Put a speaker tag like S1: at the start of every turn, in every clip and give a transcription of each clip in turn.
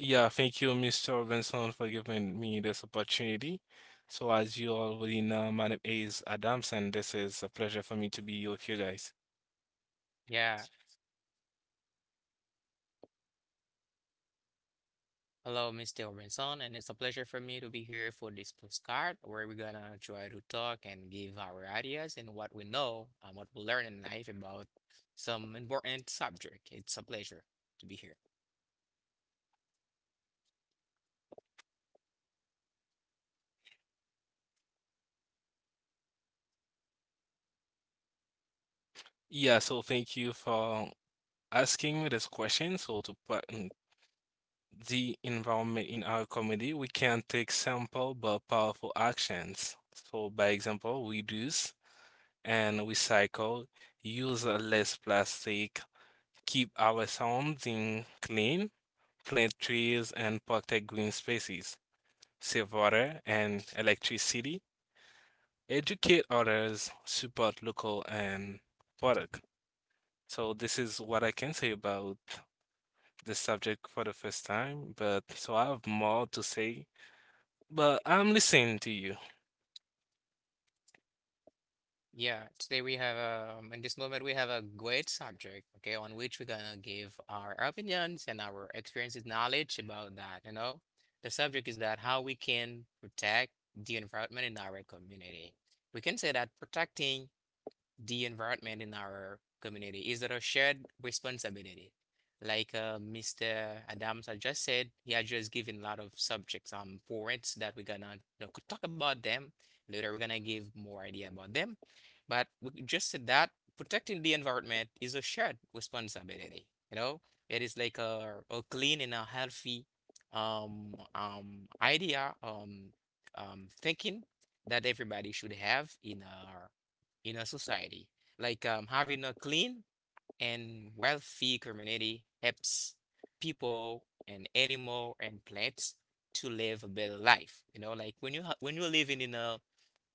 S1: Yeah, thank you, Mr. Robinson, for giving me this opportunity. So, as you already know, my name is Adams, and this is a pleasure for me to be with you guys.
S2: Yeah, hello, Mr. Robinson, and it's a pleasure for me to be here for this postcard where we're gonna try to talk and give our ideas and what we know and what we learn in life about some important subject. It's a pleasure to be here.
S1: Yeah, so thank you for asking me this question. So, to put in the environment in our community, we can take simple but powerful actions. So, by example, reduce and recycle, use less plastic, keep our surrounding clean, plant trees, and protect green spaces. Save water and electricity, educate others, support local and product. So this is what I can say about this subject for the first time, but so I have more to say, but I'm listening to you.
S2: Yeah, today we have in this moment we have a great subject, okay, on which we're gonna give our opinions and our experiences, knowledge about that, you know. The subject is that how we can protect the environment in our community. We can say that protecting the environment in our community is there a shared responsibility. Like Mr. Adams had just said, he had just given a lot of subjects points that we're gonna you know, talk about them later. We're gonna give more idea about them, but we just said that protecting the environment is a shared responsibility. You know, it is like a clean and a healthy idea thinking that everybody should have in our in a society. Like having a clean and wealthy community helps people and animal and plants to live a better life. You know, like when you're living in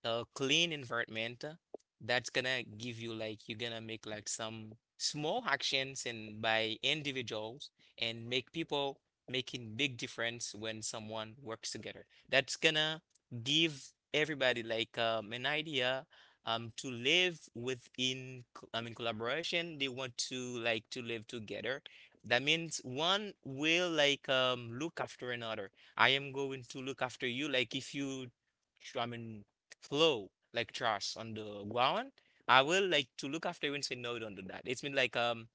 S2: a clean environment that's gonna give you like you're gonna make like some small actions and by individuals and make people making big difference when someone works together. That's gonna give everybody like an idea to live within collaboration. They want to like to live together. That means one will like look after another. I am going to look after you. Like if you, tr- I mean flow like trash on the ground, I will like to look after you and say, no, don't do that. It's been like,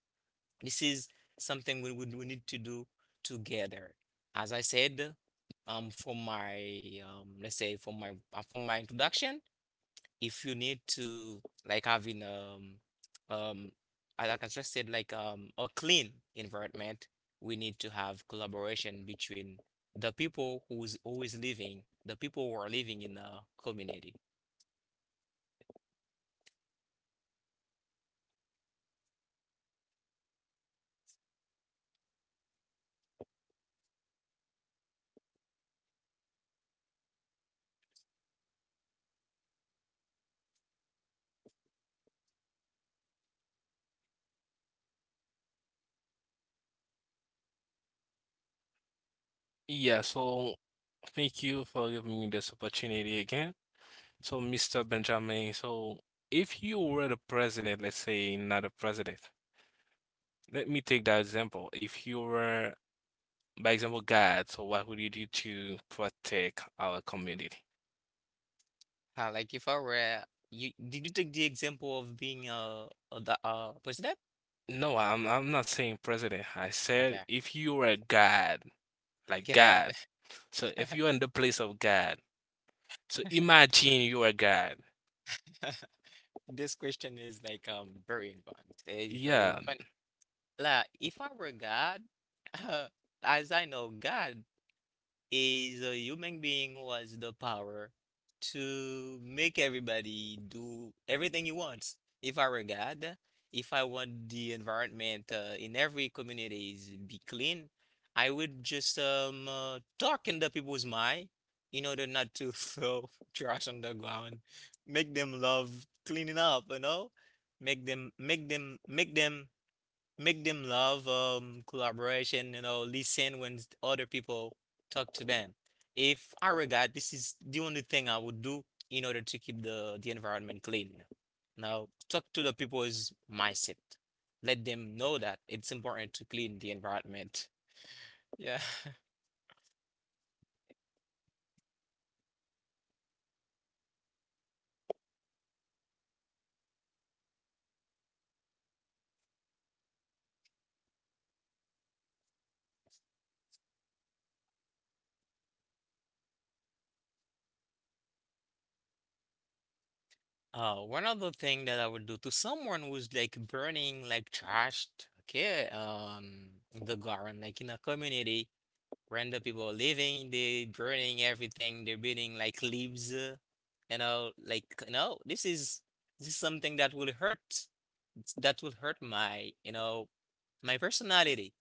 S2: this is something we need to do together. As I said, for my, let's say for my, from my introduction, if you need to like having, um, I just said, like, a clean environment, we need to have collaboration between the people who are living in the community.
S1: Yeah, so thank you for giving me this opportunity again. So, Mr. Benjamin, so if you were the president, let's say not a president. Let me take that example. If you were, by example, God, so what would you do to protect our community?
S2: Like if I were you, did you take the example of being a the president?
S1: No, I'm not saying president. I said
S2: Okay.
S1: if you were God, like
S2: Yeah.
S1: God. So if you're in the place of God, so imagine you are God.
S2: This question is like very important. It's
S1: Yeah,
S2: very funny. Like, if I were God, as I know, God is a human being who has the power to make everybody do everything he wants. If I were God, if I want the environment in every communities be clean, I would just talk in the people's mind in order not to throw trash on the ground, make them love cleaning up, you know, make them make them make them make them love collaboration, you know, listen when other people talk to them. If I were a guy, this is the only thing I would do in order to keep the environment clean. Now, talk to the people's mindset. Let them know that it's important to clean the environment. Yeah. One other thing that I would do to someone who's like burning like trash, okay, the garden, like in a community. Random people are living, they burning everything, they're burning like leaves, you know, like no, this is something that will hurt. That will hurt my, you know, my personality.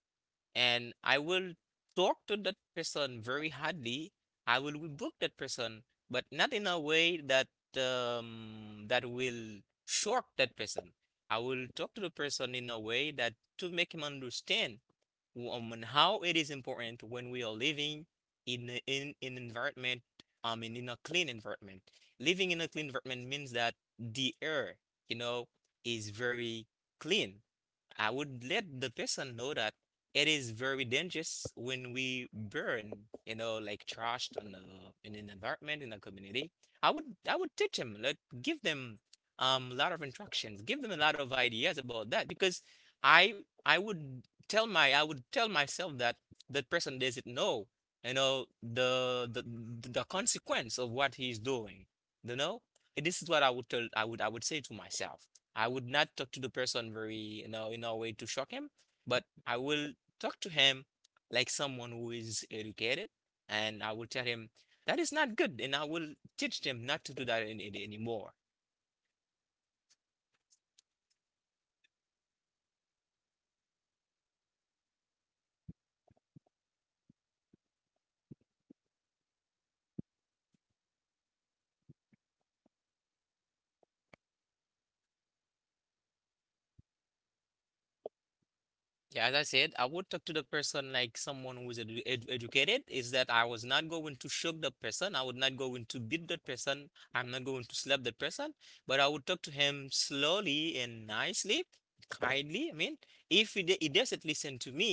S2: And I will talk to that person very hardly. I will rebuke that person, but not in a way that that will shock that person. I will talk to the person in a way that to make him understand on how it is important when we are living in an environment, I mean, in a clean environment. Living in a clean environment means that the air, you know, is very clean. I would let the person know that it is very dangerous when we burn, you know, like trash on the in an environment in the community. I would teach them, like give them a lot of instructions, give them a lot of ideas about that because I would tell my I would tell myself that that person doesn't know, you know, the consequence of what he's doing. You know? This is what I would tell I would say to myself. I would not talk to the person very, you know, in a way to shock him, but I will talk to him like someone who is educated, and I will tell him that is not good, and I will teach them not to do that anymore. Yeah, as I said, I would talk to the person like someone who is educated, is that I was not going to shock the person. I would not going to beat that person. I'm not going to slap that person, but I would talk to him slowly and nicely, kindly. I mean, if he doesn't listen to me,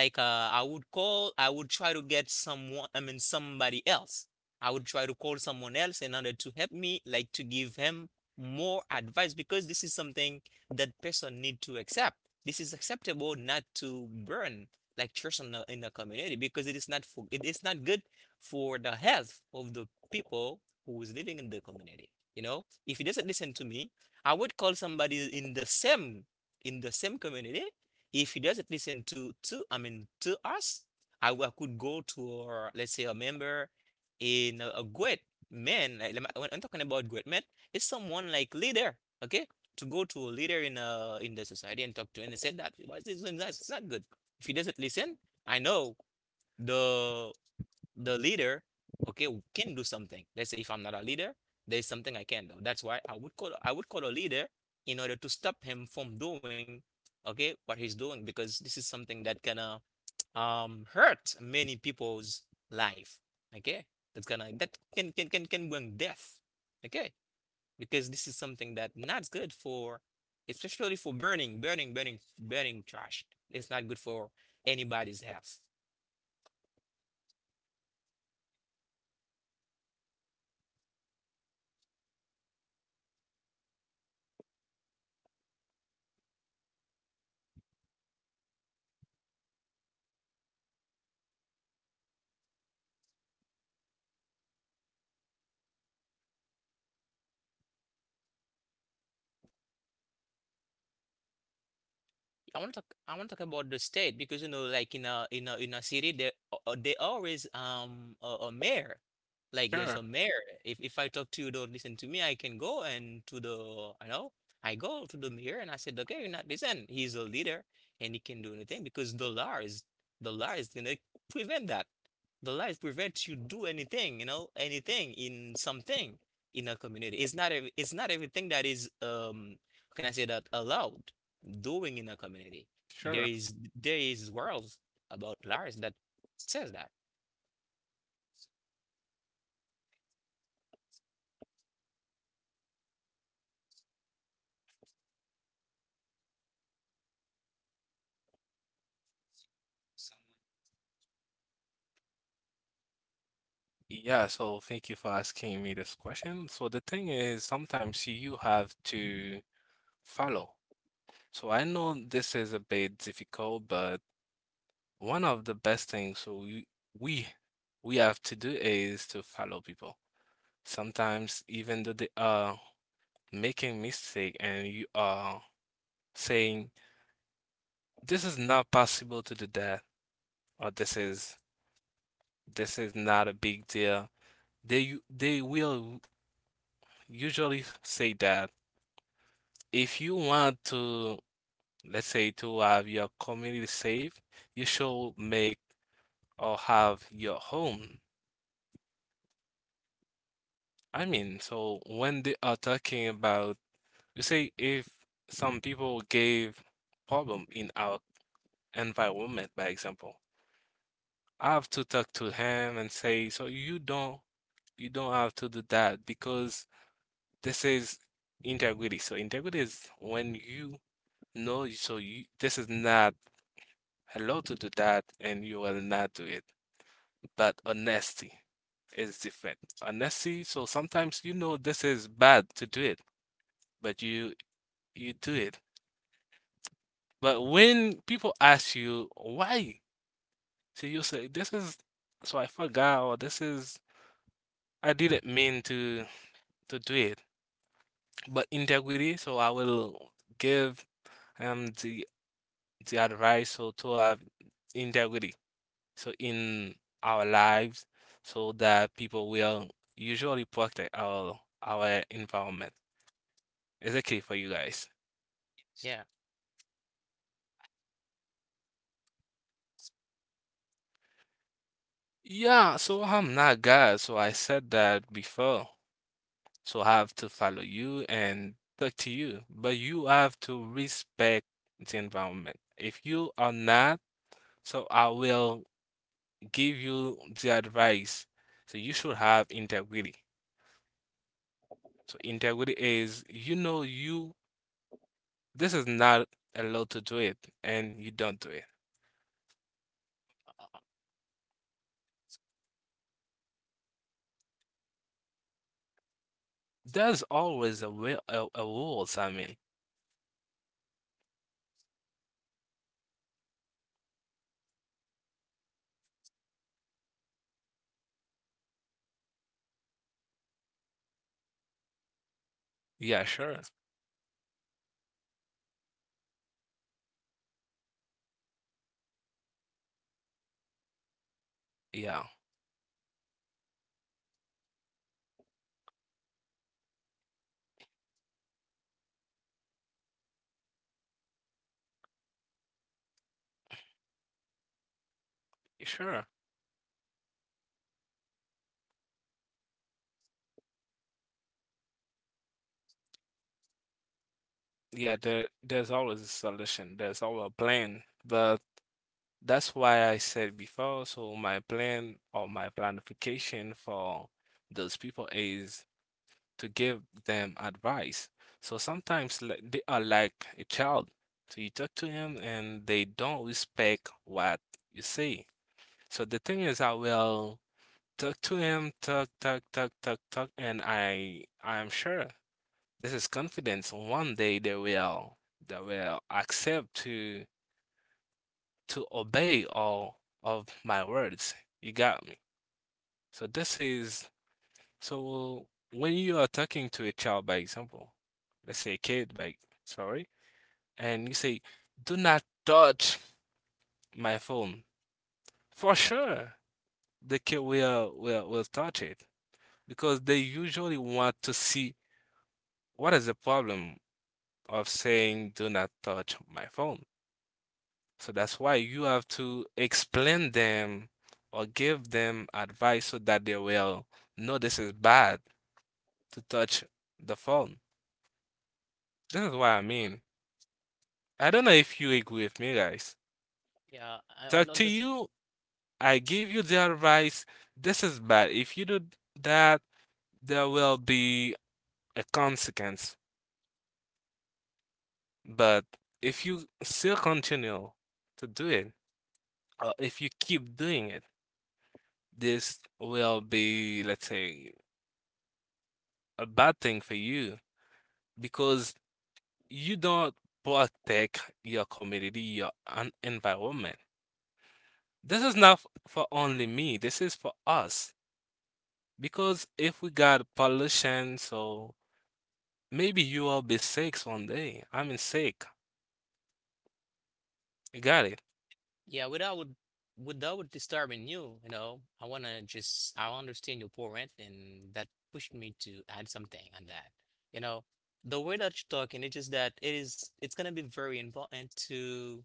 S2: like I would try to get someone, I mean, somebody else. I would try to call someone else in order to help me, like to give him more advice because this is something that person need to accept. This is acceptable not to burn like church in in the community because it is not for, it is not good for the health of the people who is living in the community. You know, if he doesn't listen to me, I would call somebody in the same community. If he doesn't listen to I mean to us, I could go to our, let's say a member in a great man. Like, when I'm talking about great man, it's someone like leader. Okay, to go to a leader in the society and talk to him and said that why is this doing that? It's not good. If he doesn't listen, I know the the leader okay can do something. Let's say if I'm not a leader, there's something I can do. That's why I would call a leader in order to stop him from doing okay what he's doing because this is something that can hurt many people's life. Okay? That's gonna that can bring death. Okay? Because this is something that not good for, especially for burning trash. It's not good for anybody's health. I want to talk. I want to talk about the state because you know, like in a city, there always a mayor. Like there's
S1: sure,
S2: a mayor. If I talk to you, don't listen to me. I can go and to the, you know, I go to the mayor and I said, okay, you're not listen. He's a leader and he can do anything because the law is gonna prevent that. The law is prevent you do anything, you know, anything in something in a community. It's not everything that is can I say that allowed doing in a community.
S1: sure.
S2: There is worlds about Lars that says that.
S1: Yeah, so thank you for asking me this question. So the thing is, sometimes you have to follow. So I know this is a bit difficult, but one of the best things so we we have to do is to follow people. Sometimes even though they are making mistake and you are saying this is not possible to do that, or this is not a big deal. They will usually say that if you want to, let's say, to have your community safe, you should make or have your home. I mean, so when they are talking about, you see, if some people gave problem in our environment, by example, I have to talk to him and say, so you don't have to do that because this is integrity. So integrity is when you know, so you, this is not allowed to do that and you will not do it. But honesty is different. Honesty, so sometimes you know this is bad to do it, but you do it. But when people ask you why, so you say, "This is, so I forgot," or "This is, I didn't mean to do it." But integrity, so I will give the advice so to have integrity so in our lives so that people will usually protect our environment. Is it okay for you guys?
S2: Yeah.
S1: Yeah, so I'm not God, so I said that before. So I have to follow you and talk to you, but you have to respect the environment. If you are not, so I will give you the advice. So you should have integrity. So integrity is, you know, you, this is not allowed to do it, and you don't do it. There's always a will, a rules, I mean. Yeah, sure. Yeah, sure. Yeah, there's always a solution. There's always a plan, but that's why I said before, so my plan or my planification for those people is to give them advice. So sometimes they are like a child. So you talk to them and they don't respect what you say. So the thing is, I will talk to him, talk, and I am sure this is confidence. One day they will accept to obey all of my words. You got me. So this is, so when you are talking to a child, by example, let's say a kid, by, sorry, and you say, "Do not touch my phone." For sure, the kid will touch it because they usually want to see what is the problem of saying, "Do not touch my phone." So that's why you have to explain them or give them advice so that they will know this is bad to touch the phone. This is what I mean. I don't know if you agree with me, guys.
S2: Yeah, I
S1: Talk
S2: on
S1: to you, I give you the advice. This is bad. If you do that, there will be a consequence. But if you still continue to do it, or if you keep doing it, this will be, let's say, a bad thing for you, because you don't protect your community, your environment. This is not for only me, this is for us. Because if we got pollution, so maybe you will be sick one day. I mean, sick. You got it.
S2: Yeah, without disturbing you, you know, I wanna just I understand your point, and that pushed me to add something on that. You know, the way that you're talking, it's just that it's gonna be very important to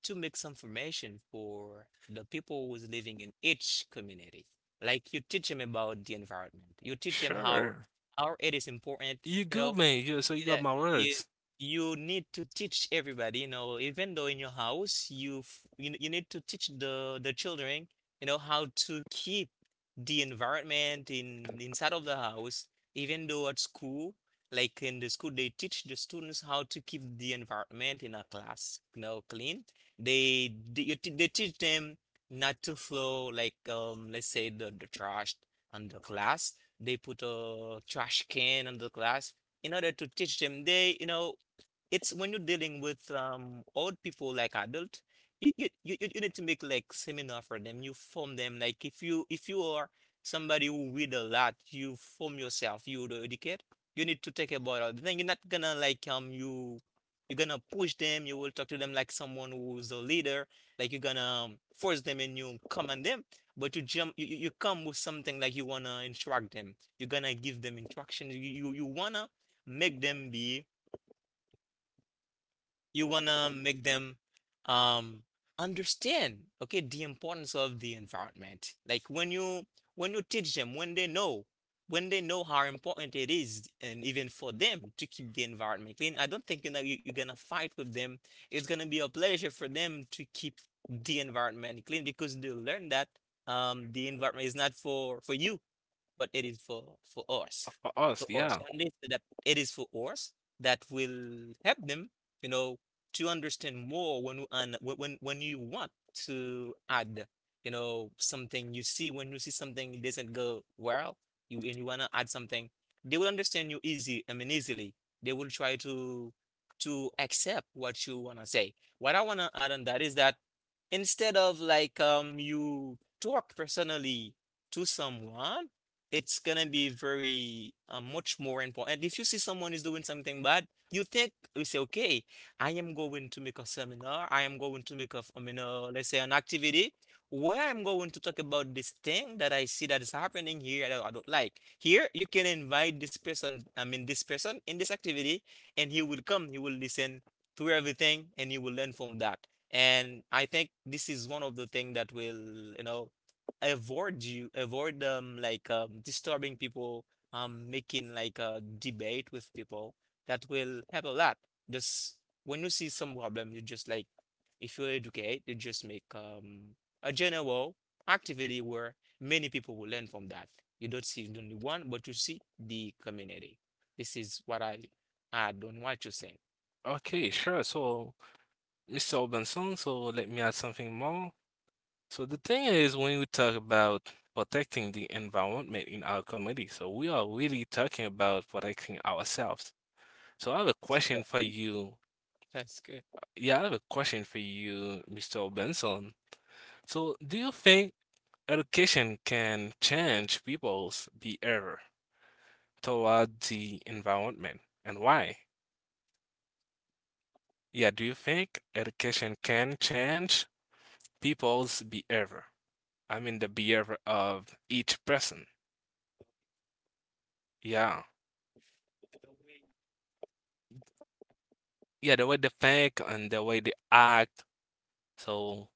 S2: mix information for the people who's living in each community. Like you teach them about the environment, you teach them
S1: Sure.
S2: how it is important,
S1: You
S2: you
S1: good,
S2: know,
S1: man. You, so you
S2: yeah,
S1: got my
S2: you
S1: words
S2: you need to teach everybody, you know, even though in your house you need to teach the children, you know, how to keep the environment in inside of the house, even though at school, like in the school they teach the students how to keep the environment in a class, you know, clean. They teach them not to throw like let's say the trash on the class. They put a trash can on the class in order to teach them. It's when you're dealing with old people like adult, you need to make like seminar for them, you form them. Like if you are somebody who read a lot, you form yourself, you the educate, you need to take about it. Then you're not gonna like, you're gonna push them, you will talk to them like someone who's a leader. Like you're gonna, force them and you command them, but you come with something. Like you wanna instruct them, you're gonna give them instructions. You wanna make them be you wanna make them um understand, okay, the importance of the environment. Like when you teach them, when they know how important it is. And even for them to keep the environment clean, I don't think, you're gonna fight with them. It's gonna be a pleasure for them to keep the environment clean, because they learn that the environment is not for you, but it is for us,
S1: for us.
S2: for us.
S1: Yeah.
S2: And they said that it is for us, that will help them, you know, to understand more. When and when you want to add, something. You see, when you see something it doesn't go well, you and you wanna add something, they will understand you easy. I mean easily. They will try to accept what you wanna say. What I wanna add on that is that, instead of like, you talk personally to someone, it's gonna be very much more important. And if you see someone is doing something bad, you think you say, okay, I am going to make a seminar, I am going to make I mean, let's say, an activity where I'm going to talk about this thing that I see that is happening here that I don't like. Here, you can invite this person, I mean, this person in this activity, and he will come, he will listen to everything, and he will learn from that. And I think this is one of the things that will, avoid, like, disturbing people, making like a debate with people. That will help a lot. Just, when you see some problem, you just, like, if you educate, you just make a general activity where many people will learn from that. You don't see only one, but you see the community. This is what I add on what you said.
S1: Okay, sure. So, Mr. Benson, so let me add something more. So the thing is, when we talk about protecting the environment in our community, so we are really talking about protecting ourselves. So I have a question
S2: That
S1: for you.
S2: that's good.
S1: Yeah, I have a question for you, Mr. Benson. So do you think education can change people's behavior toward the environment and why? Yeah, do you think education can change people's behavior? I mean, the behavior of each person. Yeah. Yeah, the way they think and the way they act. So,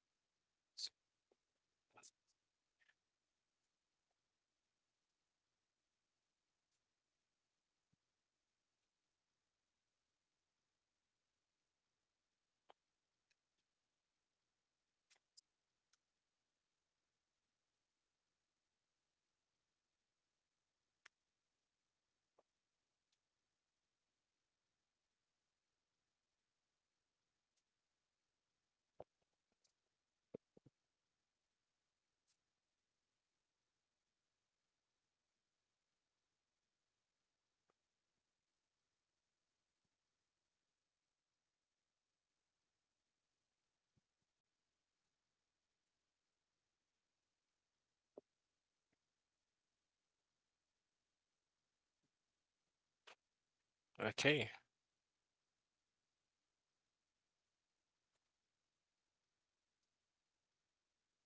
S1: okay,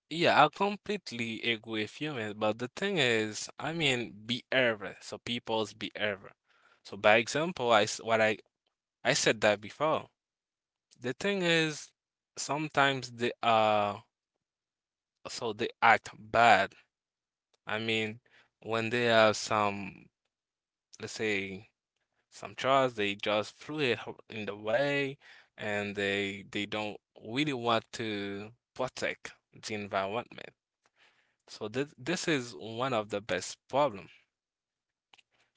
S1: yeah, I completely agree with you, man. But the thing is, I mean, behavior. So people's behavior. So by example, what I said that before. The thing is, sometimes they are, so they act bad. I mean, when they have some, let's say, some trucks, they just threw it in the way and they don't really want to protect the environment. So this is one of the best problem.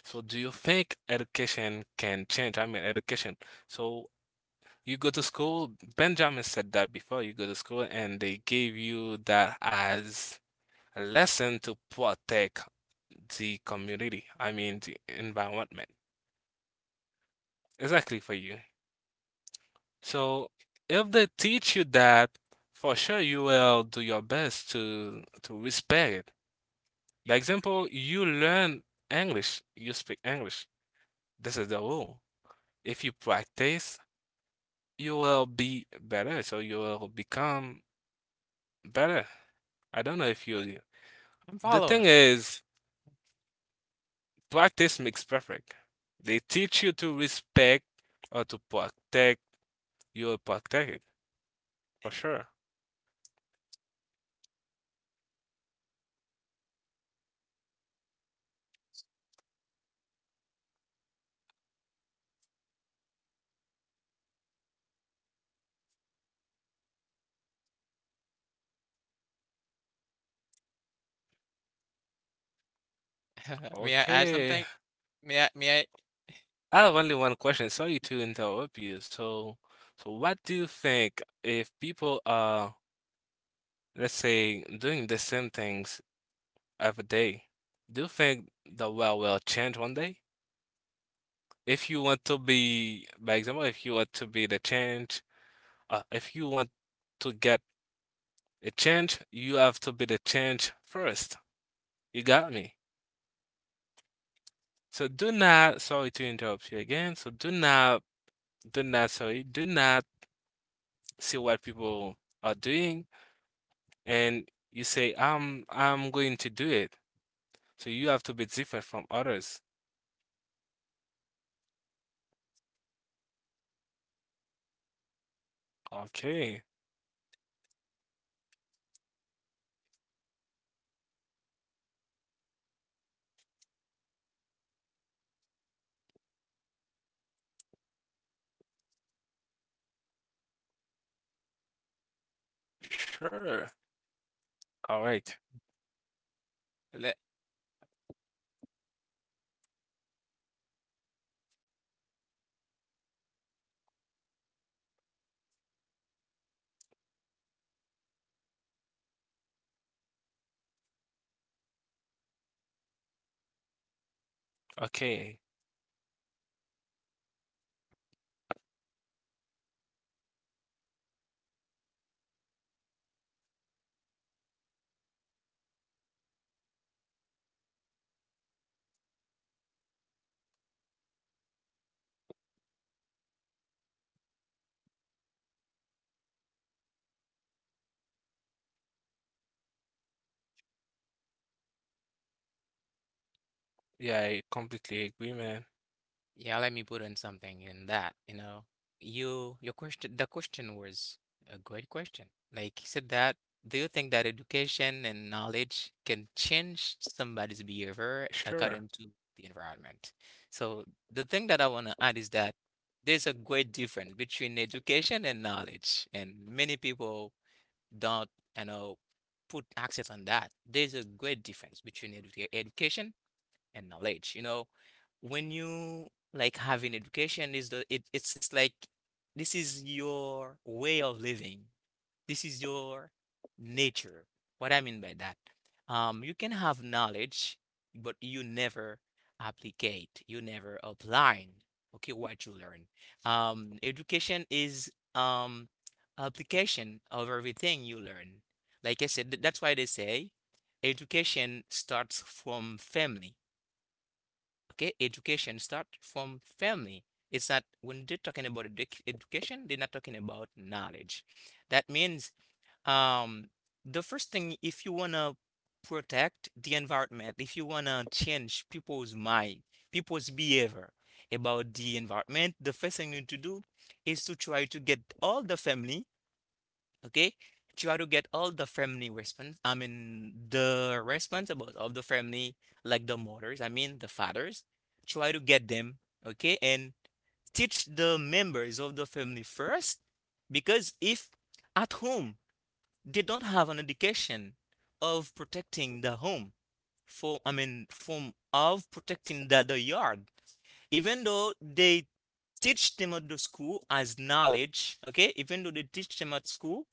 S1: So do you think education can change? I mean education. So you go to school, Benjamin said that before, you go to school and they gave you that as a lesson to protect the community, I mean the environment. Exactly for you. So if they teach you that, for sure you will do your best to respect it. The example, you learn English, you speak English. This is the rule. If you practice, you will be better, so you will become better. I don't know if you.
S2: I'm
S1: The thing
S2: follower.
S1: is, practice makes perfect. They teach you to respect or to protect. You will protect it for sure.
S2: May I add
S1: Okay.
S2: something? May I
S1: I have only one question. Sorry to interrupt you. So, so what do you think if people are, let's say, doing the same things every day, do you think the world will change one day? If you want to be, by example, if you want to be the change, if you want to get a change, you have to be the change first. You got me. So do not, sorry to interrupt you again. So do not, sorry, do not see what people are doing and you say, I'm going to do it." So you have to be different from others. Okay, sure. All right.
S2: le
S1: Okay. Yeah, I completely agree, man.
S2: Yeah, let me put in something in that, you know. You your question the question was a great question. Like you said, that, do you think that education and knowledge can change somebody's behavior
S1: Sure.
S2: according to the environment? So the thing that I want to add is that there's a great difference between education and knowledge, and many people don't, you know, put access on that. There's a great difference between education and knowledge. When you like have an education, is the it it's just like, this is your way of living. This is your nature. What I mean by that, you can have knowledge, but you never applicate, you never applying. Okay, what you learn. Education is application of everything you learn. Like I said, that's why they say education starts from family. Okay, education start from family. It's not, when they're talking about education, they're not talking about knowledge. That means, um, the first thing, if you wanna protect the environment, if you wanna change people's mind, people's behavior about the environment, the first thing you need to do is to try to get all the family, okay? Try to get all the family response, I mean, the responsible of the family, like the mothers, I mean the fathers. Try to get them, okay? And teach the members of the family first, because if at home they don't have an education of protecting the home for, I mean from, of protecting the yard, even though they teach them at the school as knowledge, okay? Even though they teach them at school,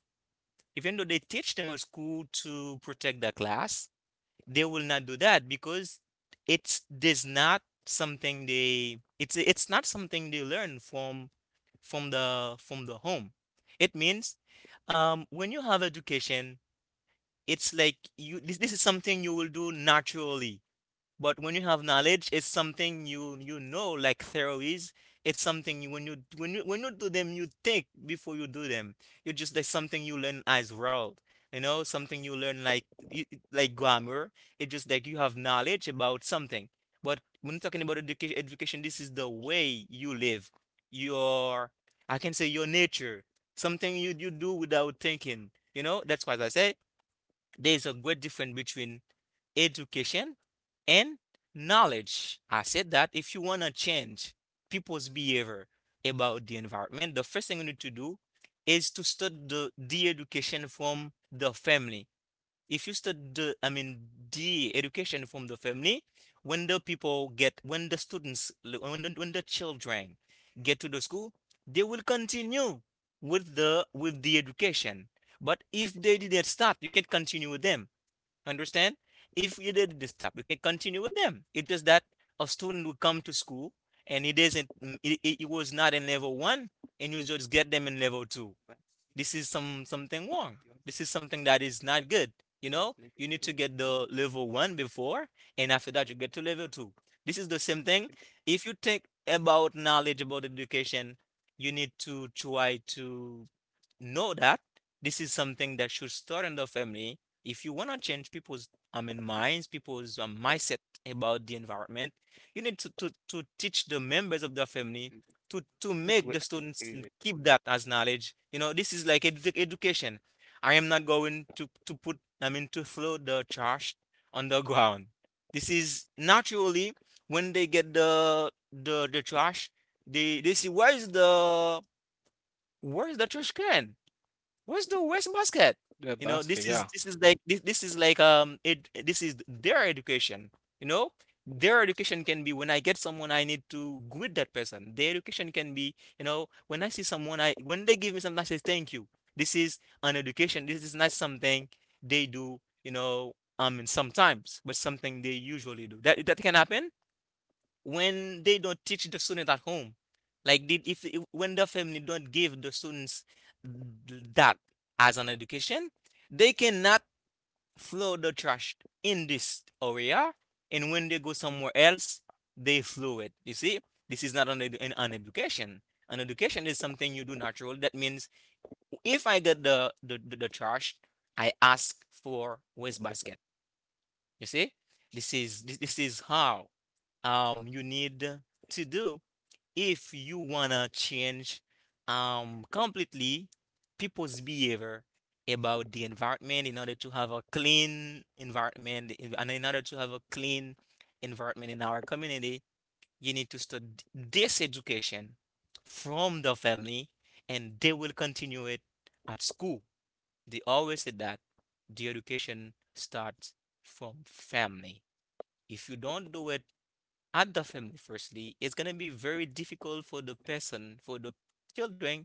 S2: even though they teach them at school to protect the class, they will not do that, because it's there's not something they it's not something they learn from the home. It means, when you have education, it's like, this is something you will do naturally. But when you have knowledge, it's something you like theories. It's something you, when you when you when you do them, you think before you do them. You just like something you learn as well. Something you learn, like you, like grammar. It's just like you have knowledge about something. But when talking about education, education, this is the way you live. Your, I can say your nature. Something you do without thinking. That's why I say there's a great difference between education and knowledge. I said that, if you want to change people's behavior about the environment, the first thing you need to do is to start the education from the family. If you start the, I mean, the education from the family, when the people get, when the students, when the children get to the school, they will continue with the education. But if they didn't start, you can't continue with them. Understand? If you did this stop, you can continue with them. It's just that a student will come to school, and it isn't mm, it was not in level one, and you just get them in level two. This is something wrong. This is something that is not good. You need to get the level one before, and after that you get to level two. This is the same thing. If you think about knowledge, about education, you need to try to know that this is something that should start in the family. If you want to change people's, I mean, minds, people's, mindset about the environment, you need to teach the members of the family, to make the students keep that as knowledge. This is like education. I am not going I mean, to throw the trash on the ground. This is naturally. When they get the trash, they see, where is the, where is the trash can? Where's the west basket?
S1: The
S2: You know,
S1: basket,
S2: this is
S1: yeah.
S2: this is like this is like it this is their education. You know, their education can be, when I get someone I need to greet that person. Their education can be, when I see someone, I, when they give me something, I say thank you. This is an education. This is not something they do. You know, I mean sometimes, but something they usually do. That can happen when they don't teach the student at home, like did if- when the family don't give the students that as an education. They cannot throw the trash in this area, and when they go somewhere else, they throw it. You see, this is not an education. An education is something you do natural. That means, if I get the trash, I ask for waste basket. You see, this is how, you need to do, if you wanna change completely people's behavior about the environment, in order to have a clean environment, and in order to have a clean environment in our community, you need to start this education from the family, and they will continue it at school. They always say that the education starts from family. If you don't do it at the family firstly, it's going to be very difficult for the person, for the children,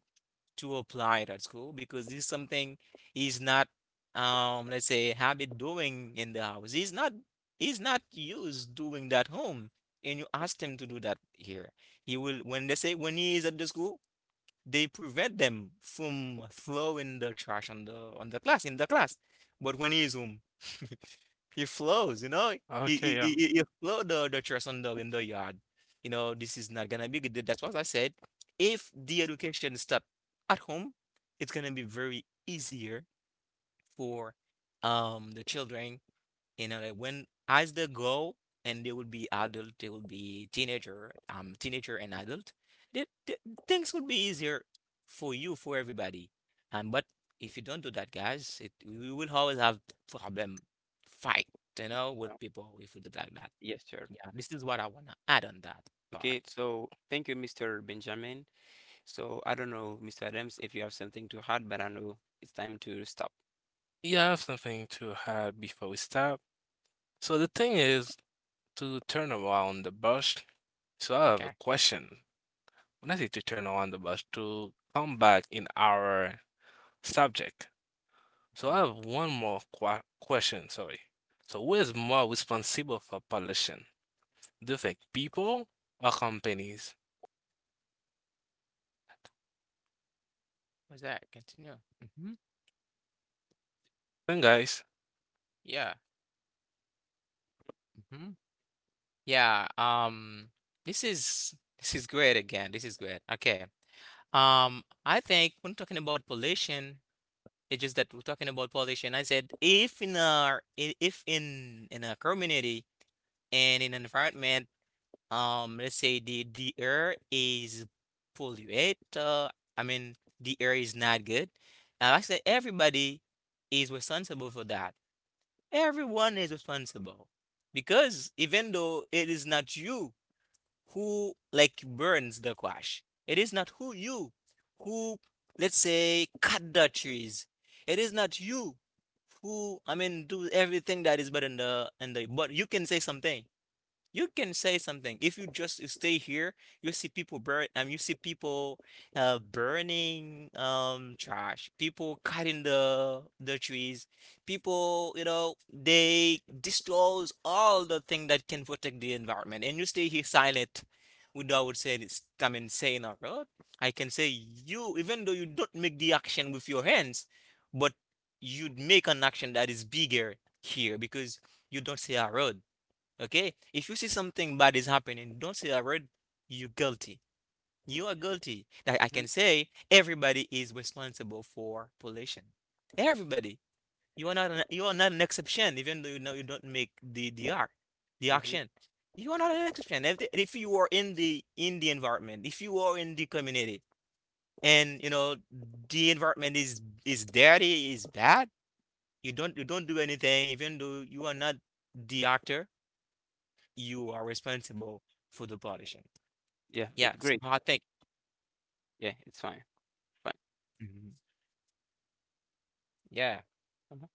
S2: to apply it at school, because this is something he's not, let's say, habit doing in the house. He's not, he's not used doing that home, and you ask him to do that here. He will, when they say, when he is at the school, they prevent them from throwing the trash on the, on the class, in the class. But when he is home, he flows, he
S1: Okay,
S2: he
S1: yeah.
S2: he, he he throw the trash on the in the yard. This is not gonna be good. That's what I said. If the education start at home, it's gonna be very easier for, the children, that when, as they grow and they will be adult, they will be teenager, teenager and adult, they, they, things will be easier for you, for everybody. And but, if you don't do that, guys, it you will always have problem, fight, with people, if you do like that.
S3: Yes, sir.
S2: Yeah, this is what I wanna add on that
S3: Okay,
S2: part.
S3: so thank you, Mr. Benjamin. So I don't know, Mr. Adams, if you have something to add, but I know it's time to stop.
S1: You have something to add before we start. So the thing is to turn around the bush. So I have a
S2: Okay.
S1: question. When I say to turn around the bush, to come back in our subject. So I
S2: Uh,
S1: have one more qua question, sorry. So who is more responsible for pollution? Do you think people or companies?
S2: What's that? Continue. Hmm.
S1: And guys.
S2: Yeah. Hmm. Yeah. This is this is great again. This is great. Okay. I think, when talking about pollution, it's just that we're talking about pollution. I said, if if in a community and in an environment, let's say the air is polluted. I mean the air is not good. I said, everybody is responsible for that. Everyone is responsible, because even though it is not you who like burns the quash. It is not who you who, let's say, cut the trees. It is not you who, I mean, do everything that is bad in the but you can say something. You can say something. If you just stay here, you see people burn, you see people burning trash, people cutting the trees, people, they destroys all the thing that can protect the environment, and you stay here silent without saying it's I mean saying a word. I can say you, even though you don't make the action with your hands, but you'd make an action that is bigger here, because you don't say a word. Okay? If you see something bad is happening, don't say a word. You're guilty. You are guilty. That I
S3: Mm-hmm,
S2: can say, everybody is responsible for pollution. Everybody. You are not an exception, even though you know you don't make the act, the
S3: mm-hmm.
S2: action. You are not an exception. If you are in the environment, if you are in the community, and you know the environment is dirty, is bad, you don't do anything. Even though you are not the actor, you are responsible for the pollution.
S3: Yeah,
S2: Yeah,
S3: it's
S2: it's
S3: great.
S2: a hard thing.
S3: Yeah, it's fine. Fine.
S2: Mhm. Yeah.
S3: Mhm.